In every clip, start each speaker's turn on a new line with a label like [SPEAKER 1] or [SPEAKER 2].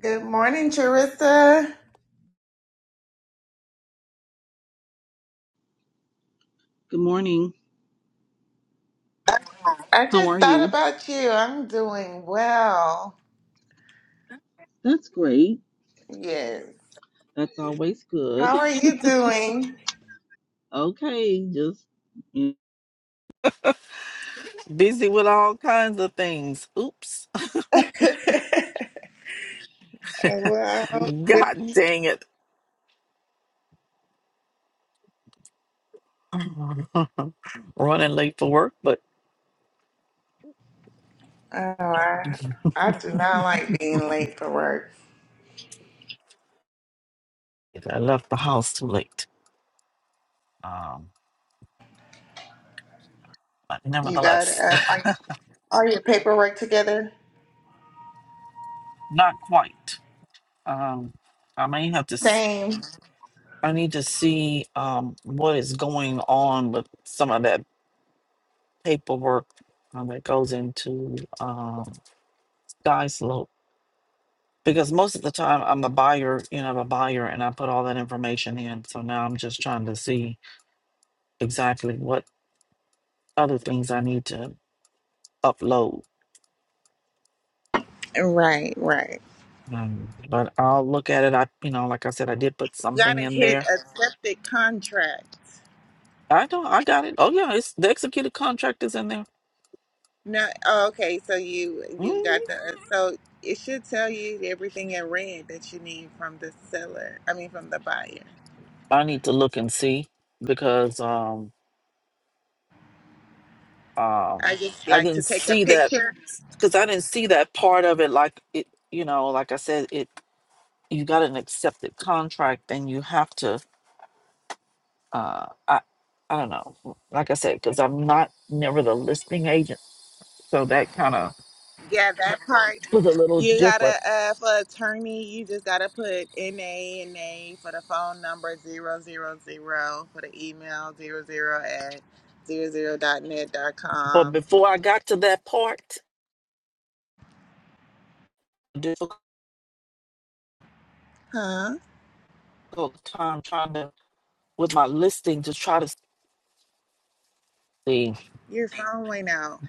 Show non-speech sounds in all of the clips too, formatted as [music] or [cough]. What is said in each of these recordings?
[SPEAKER 1] Good morning, Charissa.
[SPEAKER 2] Good morning.
[SPEAKER 1] I
[SPEAKER 2] How
[SPEAKER 1] just
[SPEAKER 2] are
[SPEAKER 1] thought
[SPEAKER 2] you?
[SPEAKER 1] about you. I'm doing well.
[SPEAKER 2] That's great.
[SPEAKER 1] Yes.
[SPEAKER 2] That's always good.
[SPEAKER 1] How are you doing?
[SPEAKER 2] Okay, just mm, Busy with all kinds of things. Oops.
[SPEAKER 1] [laughs] well,
[SPEAKER 2] [laughs]
[SPEAKER 1] good.
[SPEAKER 2] God dang it. [laughs] Running late for work, but
[SPEAKER 1] Oh, I, I do not like being late for work.
[SPEAKER 2] I left the house too late. Um, but
[SPEAKER 1] You got
[SPEAKER 2] nevertheless,
[SPEAKER 1] uh, like all your paperwork together?
[SPEAKER 2] not quite. Um, I may have to. s-
[SPEAKER 1] Same.
[SPEAKER 2] I need to see um what is going on with some of that paperwork um, that goes into um, Sky because most of the time I'm a buyer, you know, I'm a buyer and I put all that information in. So now I'm just trying to see exactly what other things I need to upload.
[SPEAKER 1] Right, right.
[SPEAKER 2] Um, but I'll look at it. I, you know, like I said, I did put
[SPEAKER 1] Got
[SPEAKER 2] something
[SPEAKER 1] to
[SPEAKER 2] in
[SPEAKER 1] hit
[SPEAKER 2] there.
[SPEAKER 1] a septic contract.
[SPEAKER 2] I don't, I got it. Oh yeah, it's the executed contract is in there.
[SPEAKER 1] No, oh, okay. So you you
[SPEAKER 2] Mhm.
[SPEAKER 1] got the so it should tell you everything in red that you need from the seller. I mean, from the buyer.
[SPEAKER 2] I need to look and see because um
[SPEAKER 1] I
[SPEAKER 2] um
[SPEAKER 1] just
[SPEAKER 2] I
[SPEAKER 1] like to
[SPEAKER 2] didn't
[SPEAKER 1] take a
[SPEAKER 2] see that
[SPEAKER 1] picture.
[SPEAKER 2] because I didn't see that part of it. Like it, you know, like I said, it you got an accepted contract and you have to uh i i don't know like i said because i'm not never the listing agent so that kind of
[SPEAKER 1] Yeah, that part.
[SPEAKER 2] was a little
[SPEAKER 1] You
[SPEAKER 2] different
[SPEAKER 1] gotta uh for attorney, you just gotta put NA NA for the phone number zero zero zero for the email zero zero at zero zero dot net dot
[SPEAKER 2] but
[SPEAKER 1] com.
[SPEAKER 2] before i got to that part difficult
[SPEAKER 1] Huh?
[SPEAKER 2] time trying to with my listing to try to see
[SPEAKER 1] Your phone went out.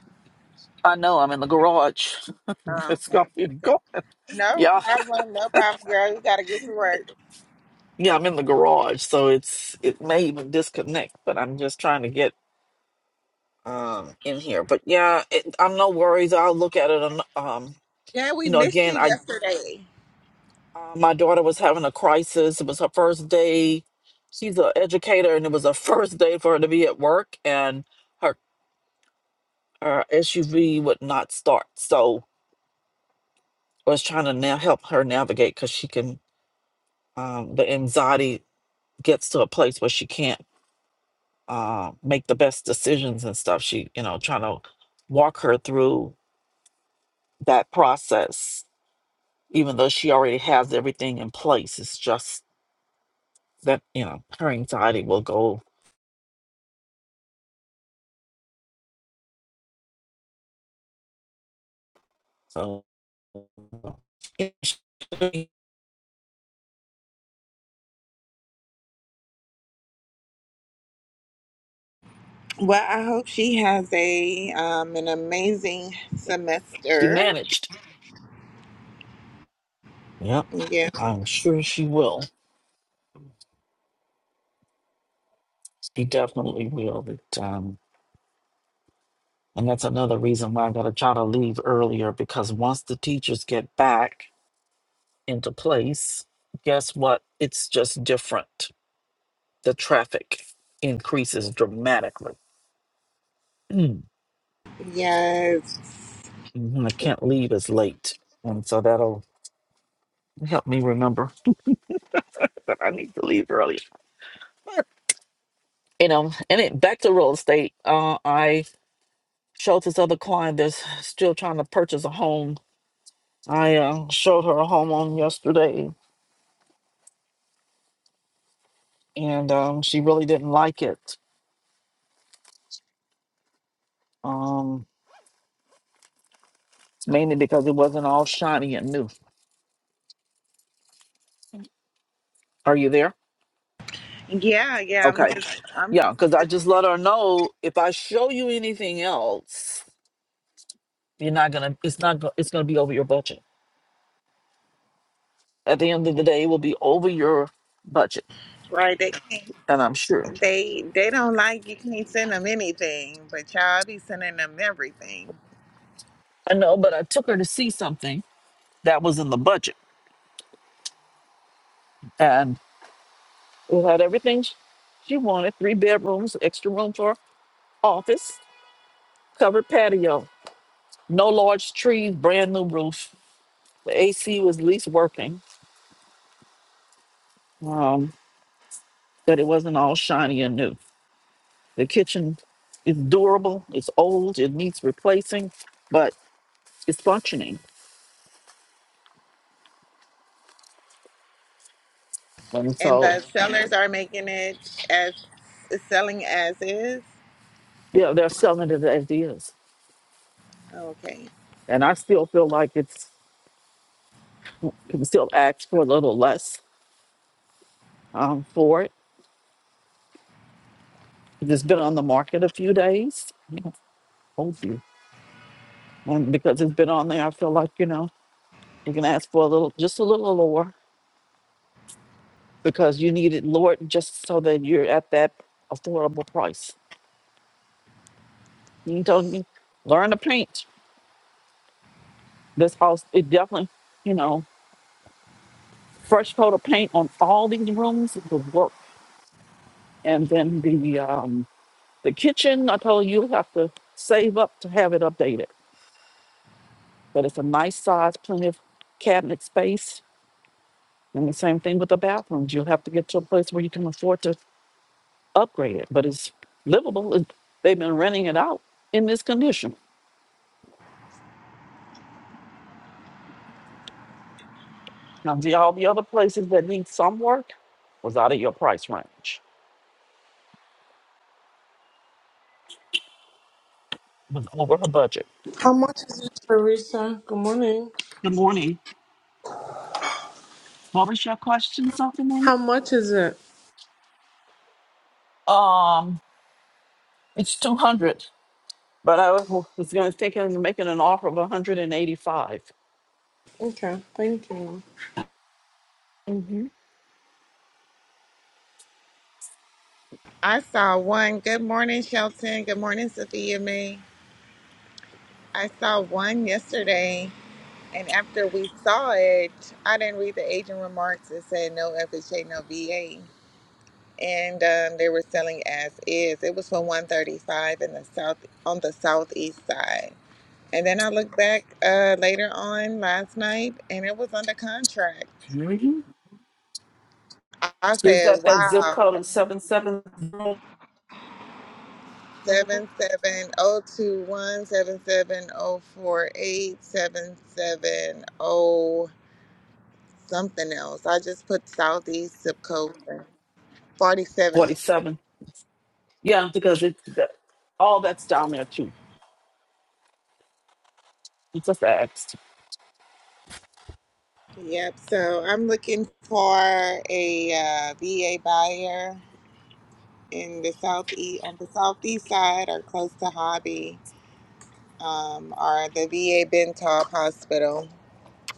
[SPEAKER 2] i know i'm in the garage [laughs]
[SPEAKER 1] Oh,
[SPEAKER 2] it's gonna
[SPEAKER 1] okay,
[SPEAKER 2] be
[SPEAKER 1] okay.
[SPEAKER 2] go
[SPEAKER 1] No
[SPEAKER 2] yeah
[SPEAKER 1] problem, no problem, girl. You gotta get to work.
[SPEAKER 2] [laughs] yeah i'm in the garage so it's it may even disconnect but i'm just trying to get um in here but yeah it, i'm no worries i'll look at it on um
[SPEAKER 1] Yeah, we
[SPEAKER 2] you know
[SPEAKER 1] missed you
[SPEAKER 2] again I.
[SPEAKER 1] yesterday.
[SPEAKER 2] Uh, my daughter was having a crisis. It was her first day. She's an educator, and it was her first day for her to be at work, and her her SUV would not start. So I was trying to now help her navigate because she can. Um, the anxiety gets to a place where she can't uh, make the best decisions and stuff. She, you know, trying to walk her through that process, even though she already has everything in place. It's just that you know her anxiety will go So,
[SPEAKER 1] Well, I hope she has a um an amazing
[SPEAKER 2] She
[SPEAKER 1] semester.
[SPEAKER 2] managed. yep,
[SPEAKER 1] Yeah.
[SPEAKER 2] I'm sure she will. She definitely will. But, um, and that's another reason why I got to try to leave earlier because once the teachers get back into place, guess what? It's just different. The traffic increases dramatically. Mm,
[SPEAKER 1] Yes.
[SPEAKER 2] mhm, I can't leave as late. And so that'll help me remember that I need to leave early. But You know, and it, back to real estate. Uh, I. showed this other client that's still trying to purchase a home. I uh, showed her a home on yesterday, and um, she really didn't like it. Um, mainly because it wasn't all shiny and new. Are you there?
[SPEAKER 1] Yeah, yeah. I'm
[SPEAKER 2] Okay.
[SPEAKER 1] just I'm
[SPEAKER 2] Yeah,
[SPEAKER 1] just
[SPEAKER 2] because I
[SPEAKER 1] listening.
[SPEAKER 2] just let her know if I show you anything else, you're not gonna. It's not. go- It's gonna be over your budget. At the end of the day, it will be over your budget,
[SPEAKER 1] Right. They can't
[SPEAKER 2] and I'm sure.
[SPEAKER 1] they they don't like you can't send them anything, but y'all be sending them everything.
[SPEAKER 2] I know, but I took her to see something that was in the budget, and. It had everything sh- she wanted three bedrooms, extra room for office, covered patio, no large trees, brand new roof. The AC was at least working, um, but it wasn't all shiny and new. The kitchen is durable, it's old, it needs replacing, but it's functioning. And
[SPEAKER 1] And
[SPEAKER 2] so,
[SPEAKER 1] the sellers are making it as selling as is.
[SPEAKER 2] yeah, they're selling it as is.
[SPEAKER 1] Okay.
[SPEAKER 2] And I still feel like it's, you can still ask for a little less um, for it. It's been on the market a few days. Yeah, hold you. And because it's been on there, I feel like, you know, we can ask for a little, just a little lower because you need it lower just so that you're at that affordable price. You told me, learn to paint. This house, it definitely, you know, fresh coat of paint on all these rooms would work. And then the um, the kitchen, I told you, you have to save up to have it updated. But it's a nice size, plenty of cabinet space. And the same thing with the bathrooms. You'll have to get to a place where you can afford to upgraded, but it's livable. It- They've been renting it out in this condition. Now, the, all the other places that need some work was out of your price range, was over her budget.
[SPEAKER 3] How much is it, Teresa? Good morning.
[SPEAKER 2] Good morning. What was your question, something?
[SPEAKER 3] How much is it?
[SPEAKER 2] Um, it's two hundred, but I was, was going to think of making an offer of one hundred and eighty-five.
[SPEAKER 3] Okay, thank you.
[SPEAKER 2] Mm-hmm.
[SPEAKER 1] I saw one. Good morning, Shelton. Good morning, Sophia May. I saw one yesterday And after we saw it, I didn't read the agent remarks. It said no FHA, no VA, and um, they were selling as is. It was for one thirty five in the south on the southeast side. And then I looked back uh, later on last night, and it was under contract.
[SPEAKER 2] Mm-hmm.
[SPEAKER 1] I I
[SPEAKER 2] Is
[SPEAKER 1] said,
[SPEAKER 2] that that zip
[SPEAKER 1] "Wow,
[SPEAKER 2] code of seven seven
[SPEAKER 1] seven seven zero two one seven seven zero four eight seven seven zero something else." I just put southeast zip code. 47.
[SPEAKER 2] forty-seven? Yeah, because it's that, all that's down there too. It's just asked.
[SPEAKER 1] Yep. So I'm looking for a uh, VA buyer in the southeast, on the southeast side, or close to Hobby, um, or the VA Bentalb Hospital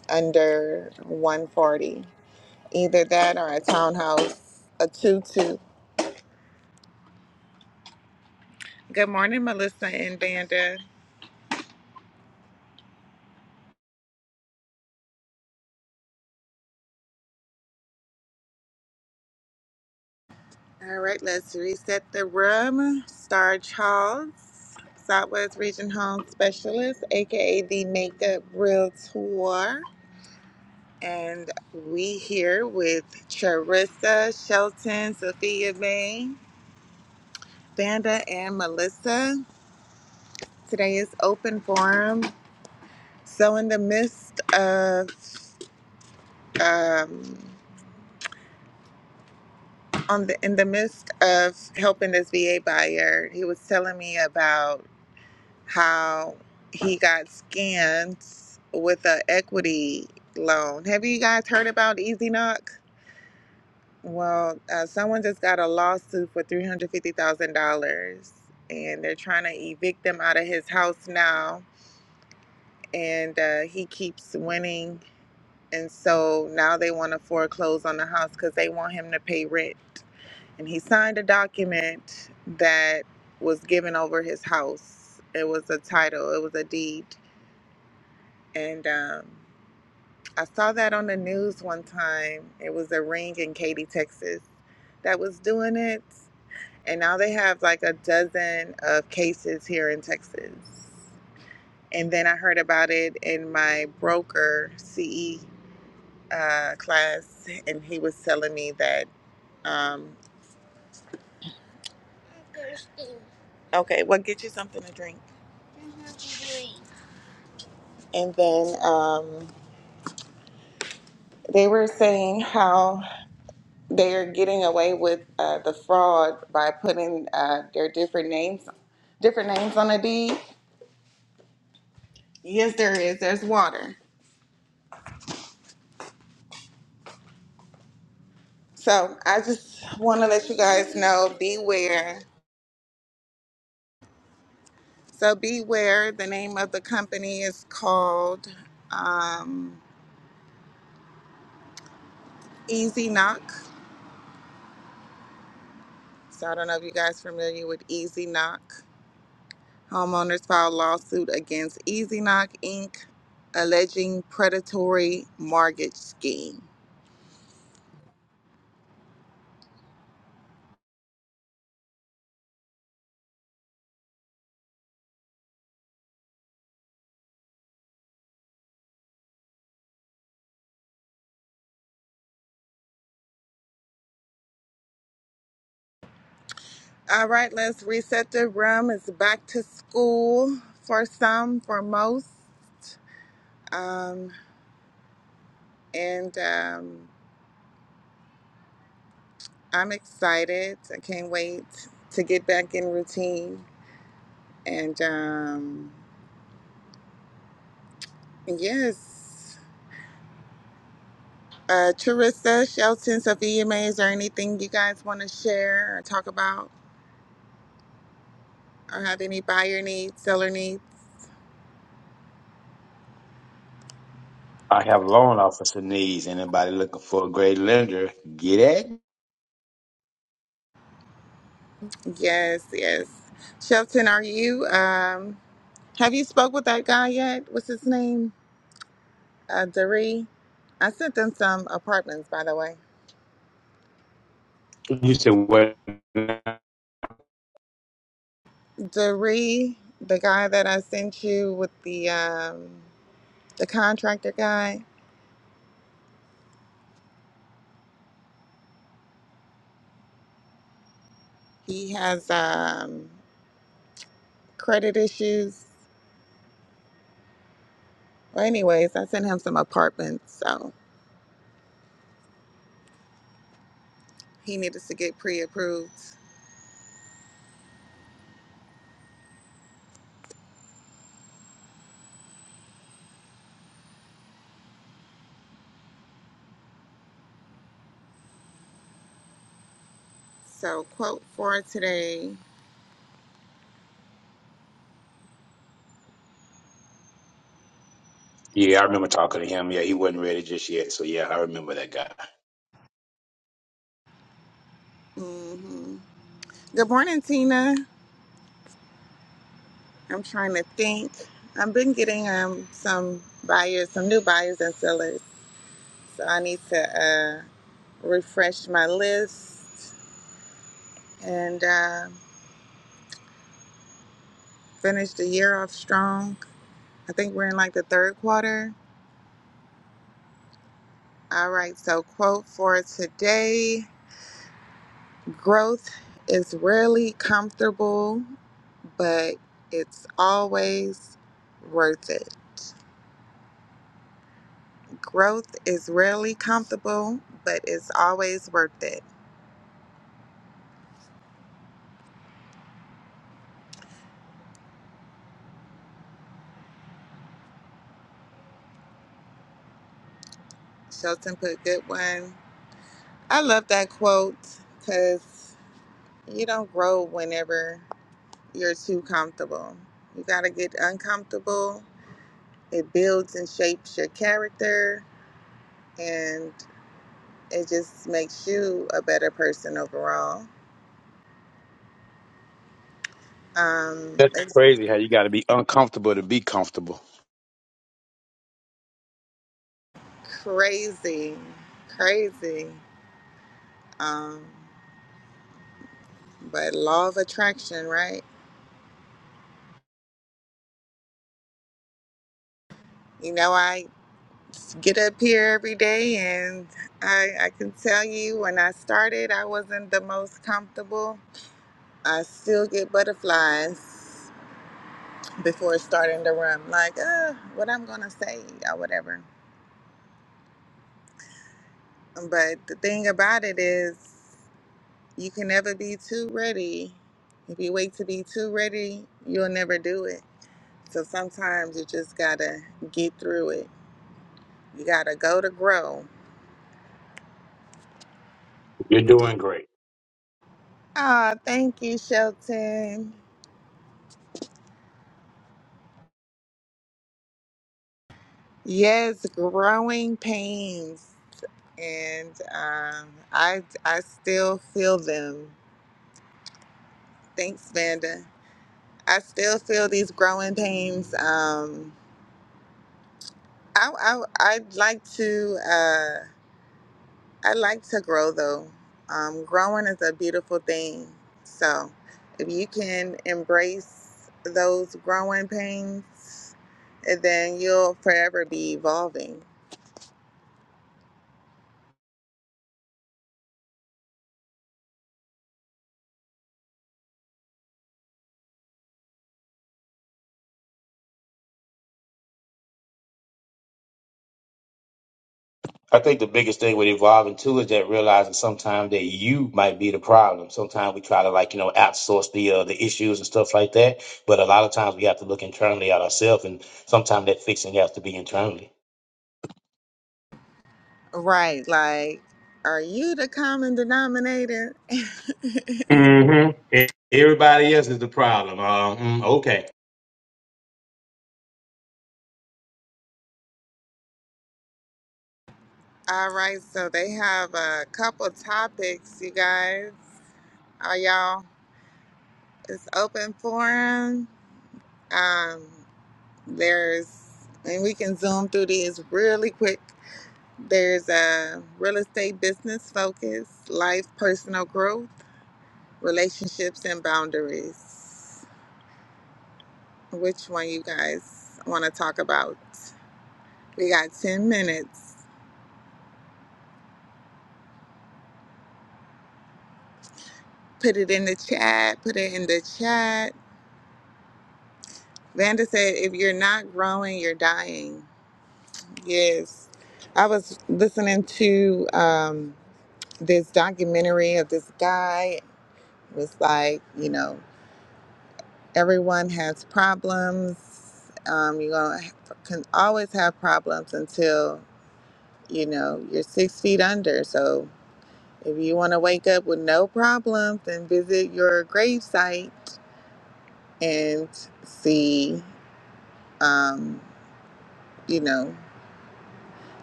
[SPEAKER 1] under 140. Either that or a townhouse, a two-two. Good morning, Melissa and Vanda. All right, let's reset the room. Star Charles, Southwest Region Home Specialist, aka the Makeup Realtor. And we here with Charissa, Shelton, Sophia May, Vanda, and Melissa. Today is open forum. So in the midst of um on the in the midst of helping this VA buyer, he was telling me about how he got scammed with an equity loan. Have you guys heard about Easy Knock? Well, uh, someone just got a lawsuit for three hundred fifty thousand dollars, and they're trying to evict him out of his house now. And uh, he keeps winning, and so now they want to foreclose on the house because they want him to pay rent. And he signed a document that was given over his house. It was a title. It was a deed, and um, I saw that on the news one time. It was a ring in Katy, Texas, that was doing it And now they have like a dozen of cases here in Texas. And then I heard about it in my broker CE uh, class, and he was telling me that, um, okay, well, get you something to drink. And then um, they were saying how they are getting away with uh, the fraud by putting uh, their different names, different names on a deed. Yes, there is. There's water. So I just want to let you guys know, beware So beware. The name of the company is called um, Easy Knock. So I don't know if you guys are familiar with Easy Knock. Homeowners filed lawsuit against Easy Knock Inc. alleging predatory mortgage scheme. All right, let's reset the room. It's back to school for some, for most. Um, and um, I'm excited. I can't wait to get back in routine. And um, yes, uh, Charissa, Shelton, Sophia May, is there anything you guys want to share or talk about or have any buyer needs, seller needs?
[SPEAKER 4] I have loan officer needs. Anybody looking for a great lender, get it?
[SPEAKER 1] Yes, yes. Shelton, are you, um, have you spoke with that guy yet? What's his name? Uh, Doree, I sent them some apartments, by the way. Doree, the guy that I sent you with the um, the contractor guy, he has um, credit issues. Well, anyways, I sent him some apartments, so he needed to get pre-approved. So, quote for today.
[SPEAKER 4] Yeah, I remember talking to him. Yeah, he wasn't ready just yet. So yeah, I remember that guy.
[SPEAKER 1] hmm Good morning, Tina. I'm trying to think. I've been getting um, some buyers, some new buyers and sellers. So I need to. uh refresh my list, and uh, finish the year off strong. I think we're in like the third quarter. All right, so quote for today growth is rarely comfortable, but it's always worth it. Growth is rarely comfortable, but it's always worth it. Shelton put a good one. I love that quote because you don't grow whenever. you're too comfortable. You got to get uncomfortable. It builds and shapes your character and it just makes you a better person overall. Um,
[SPEAKER 4] That's
[SPEAKER 1] it's
[SPEAKER 4] crazy how you got to be uncomfortable to be comfortable.
[SPEAKER 1] crazy, crazy. Um, but law of attraction, right? You know, I get up here every day and I, I can tell you when I started, I wasn't the most comfortable. I still get butterflies before starting the room, like, uh, what I'm gonna say or whatever. But the thing about it is, you can never be too ready. If you wait to be too ready, you'll never do it. So sometimes you just gotta get through it. You gotta go to grow.
[SPEAKER 4] You're doing great.
[SPEAKER 1] Ah, thank you, Shelton. Yes, growing pains, and um, I I still feel them. Thanks, Vanda. I still feel these growing pains. Um, I, I I'd like to uh, I like to grow though. Um, growing is a beautiful thing. So if you can embrace those growing pains, then you'll forever be evolving.
[SPEAKER 4] I think the biggest thing with evolving too is that realizing sometimes that you might be the problem. Sometimes we try to like you know outsource the uh, the issues and stuff like that, but a lot of times we have to look internally at ourselves, and sometimes that fixing has to be internally.
[SPEAKER 1] Right? Like, are you the common denominator? [laughs]
[SPEAKER 4] Mm-hmm. Everybody else is the problem. Uh, mm, okay.
[SPEAKER 1] All right. So they have a couple topics, you guys. Are y'all? It's open forum. Um, there's, and we can zoom through these really quick. There's a real estate business focus, life, personal growth, relationships, and boundaries. Which one you guys want to talk about? We got 10 minutes. Put it in the chat. Put it in the chat. Vanda said, if you're not growing, you're dying. Yes. I was listening to. Um, this documentary of this guy was like, you know, everyone has problems. Um, you're gonna can always have problems until you know you're six feet under. So if you want to wake up with no problems, then visit your grave site and see, um, you know,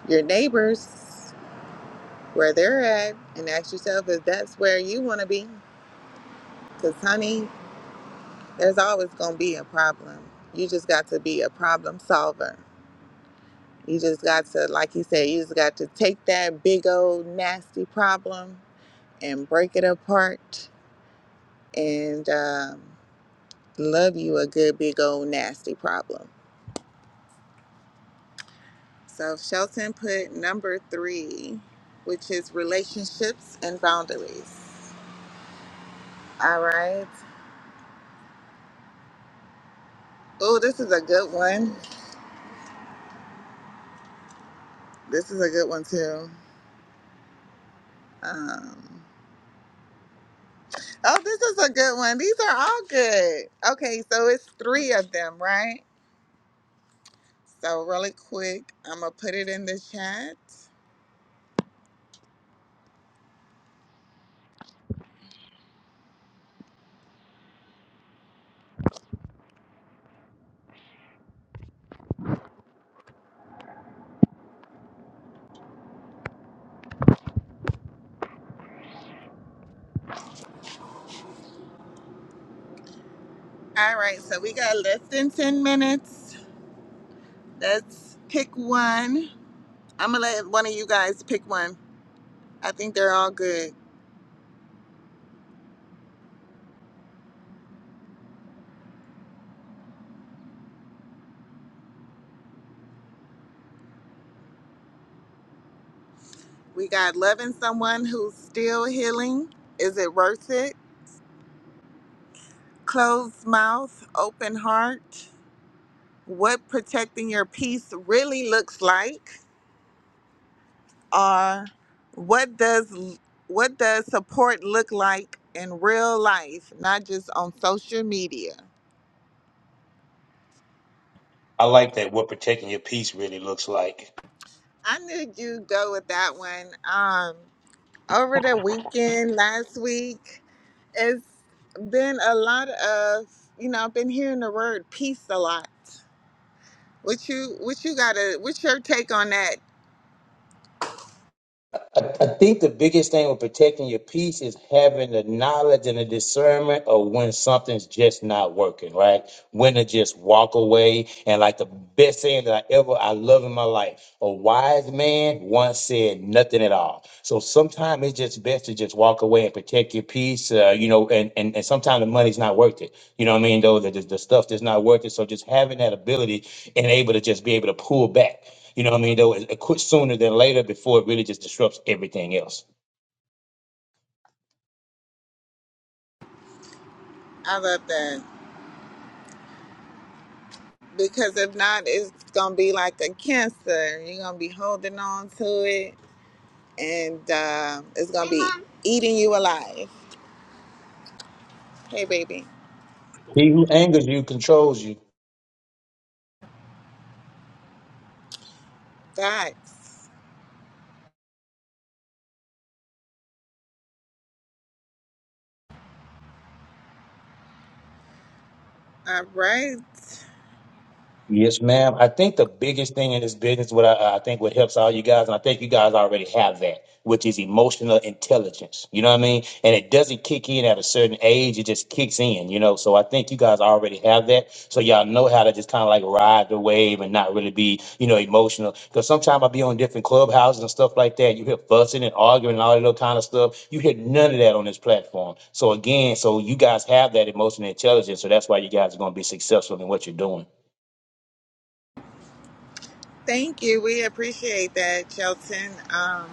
[SPEAKER 1] your neighbors where they're at, and ask yourself if that's where you want to be. Because honey, There's always going to be a problem. You just got to be a problem solver. You just got to, like he said, you just got to take that big old nasty problem and break it apart and um, love you a good big old nasty problem. So Shelton put number three, which is relationships and boundaries. All right. Oh, this is a good one. This is a good one too. Um, Oh, this is a good one. These are all good. Okay, so it's three of them, right? So, really quick, I'm going to put it in the chat. All right, so we got less than 10 minutes. Let's pick one. I'm going to let one of you guys pick one. I think they're all good. We got loving someone who's still healing. Is it worth it? Closed mouth, open heart. What protecting your peace really looks like. are what does what does support look like in real life, not just on social media?
[SPEAKER 4] I like that what protecting your peace really looks like.
[SPEAKER 1] I knew you go with that one. Um, over the weekend, last week, it's been a lot of you know I've been hearing the word peace a lot. What you what you gotta what's your take on that?
[SPEAKER 4] I, I think the biggest thing with protecting your peace is having the knowledge and the discernment of when something's just not working, right? When to just walk away. And like the best saying that I ever I love in my life, a wise man once said nothing at all. So sometimes it's just best to just walk away and protect your peace, uh, you know, and, and, and sometimes the money's not worth it. You know what I mean? Though the, the the stuff that's not worth it. So just having that ability and able to just be able to pull back. You know what I mean? Though it- it quit sooner than later before it really just disrupts everything else.
[SPEAKER 1] I love that because if not, it's gonna be like a cancer. You're gonna be holding on to it and um, it's gonna be eating you alive. Hey, baby.
[SPEAKER 4] He who angers you controls you.
[SPEAKER 1] Thanks. all right.
[SPEAKER 4] Yes, ma'am. I think the biggest thing in this business, what I, I think what helps all you guys, and I think you guys already have that, which is emotional intelligence. You know what I mean? And it doesn't kick in at a certain age; it just kicks in. You know, so I think you guys already have that, so y'all know how to just kind of like ride the wave and not really be, you know, emotional. Because sometimes I be on different clubhouses and stuff like that. You hear fussing and arguing and all that little kind of stuff. You hear none of that on this platform. So again, so you guys have that emotional intelligence, so that's why you guys are going to be successful in what you're doing.
[SPEAKER 1] Thank you. We appreciate that, Shelton. Um,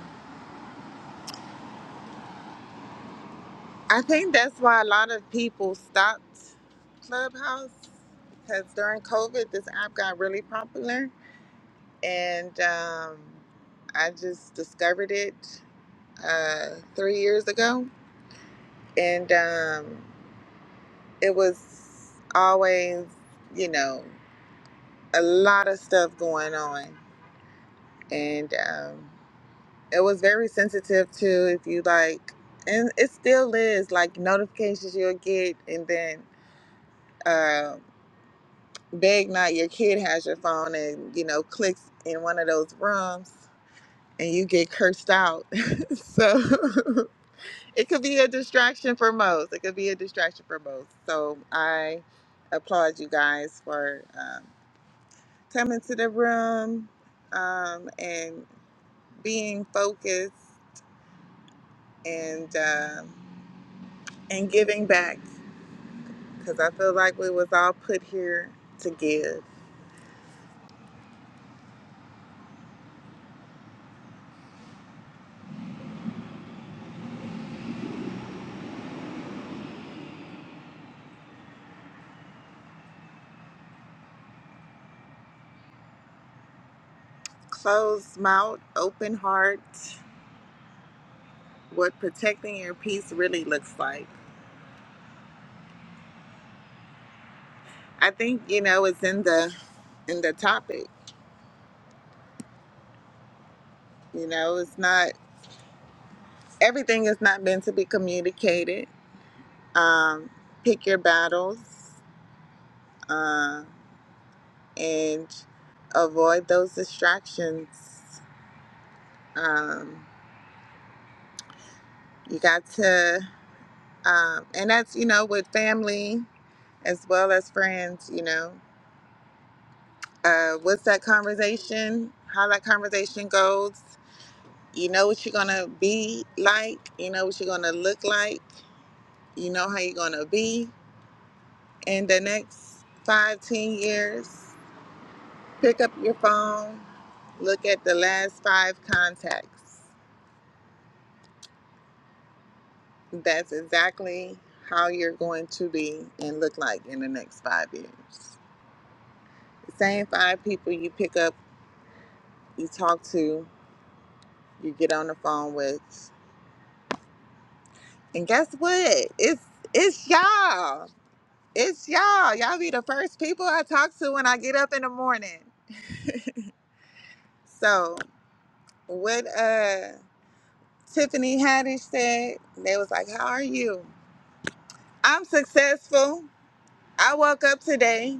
[SPEAKER 1] I think that's why a lot of people stopped Clubhouse because during COVID, this app got really popular, and um, I just discovered it uh, three years ago, and um, it was always, you know. a lot of stuff going on and um, it was very sensitive to if you like and it still is like notifications you'll get and then uh, big night your kid has your phone and you know clicks in one of those rooms and you get cursed out [laughs] so [laughs] it could be a distraction for most it could be a distraction for most so i applaud you guys for um, coming to the room um, and being focused and um, and giving back because I feel like we was all put here to give. Closed mouth, open heart. What protecting your peace really looks like. I think you know it's in the in the topic. You know, it's not everything is not meant to be communicated. Um, pick your battles uh, and avoid those distractions. Um, you got to. Um, and that's, you know, with family as well as friends, you know. Uh, what's that conversation? How that conversation goes. You know what you're going to be like. You know what you're going to look like. You know how you're going to be in the next five, ten years. Pick up your phone, look at the last five contacts. That's exactly how you're going to be and look like in the next five years. Same five people you pick up you talk to, you get on the phone with, and guess what? It's it's y'all. It's y'all. Y'all be the first people I talk to when I get up in the morning. So what uh Tiffany Haddish said, they was like, How are you? I'm successful. I woke up today.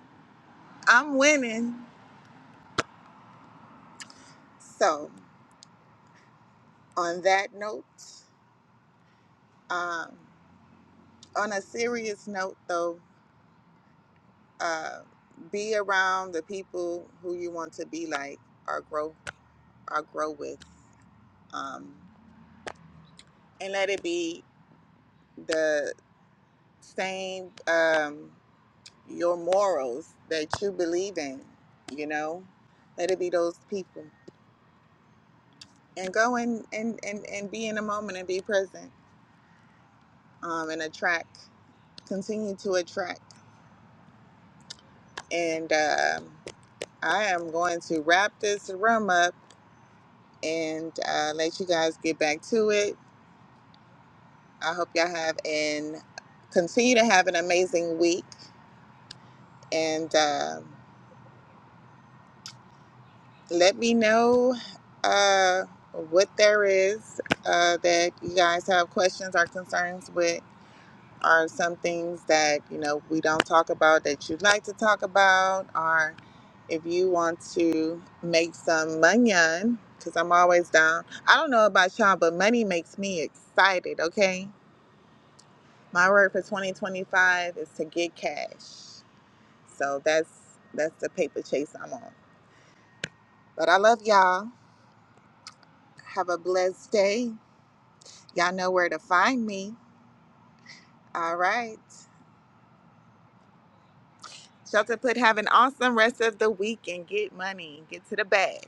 [SPEAKER 1] I'm winning. So on that note, um, on a serious note though, uh, be around the people who you want to be like or grow or grow with um, and let it be the same um, your morals that you believe in you know let it be those people and go and and and, and be in the moment and be present um, and attract continue to attract and um, i am going to wrap this room up and uh, let you guys get back to it I hope y'all have and continue to have an amazing week, and uh, let me know uh, what there is uh, that you guys have questions or concerns with, or some things that you know we don't talk about that you'd like to talk about, or if you want to make some money Cause I'm always down. I don't know about y'all, but money makes me excited. Okay, my word for 2025 is to get cash. So that's that's the paper chase I'm on. But I love y'all. Have a blessed day. Y'all know where to find me. All right. Shelter put have an awesome rest of the week and get money. Get to the bag.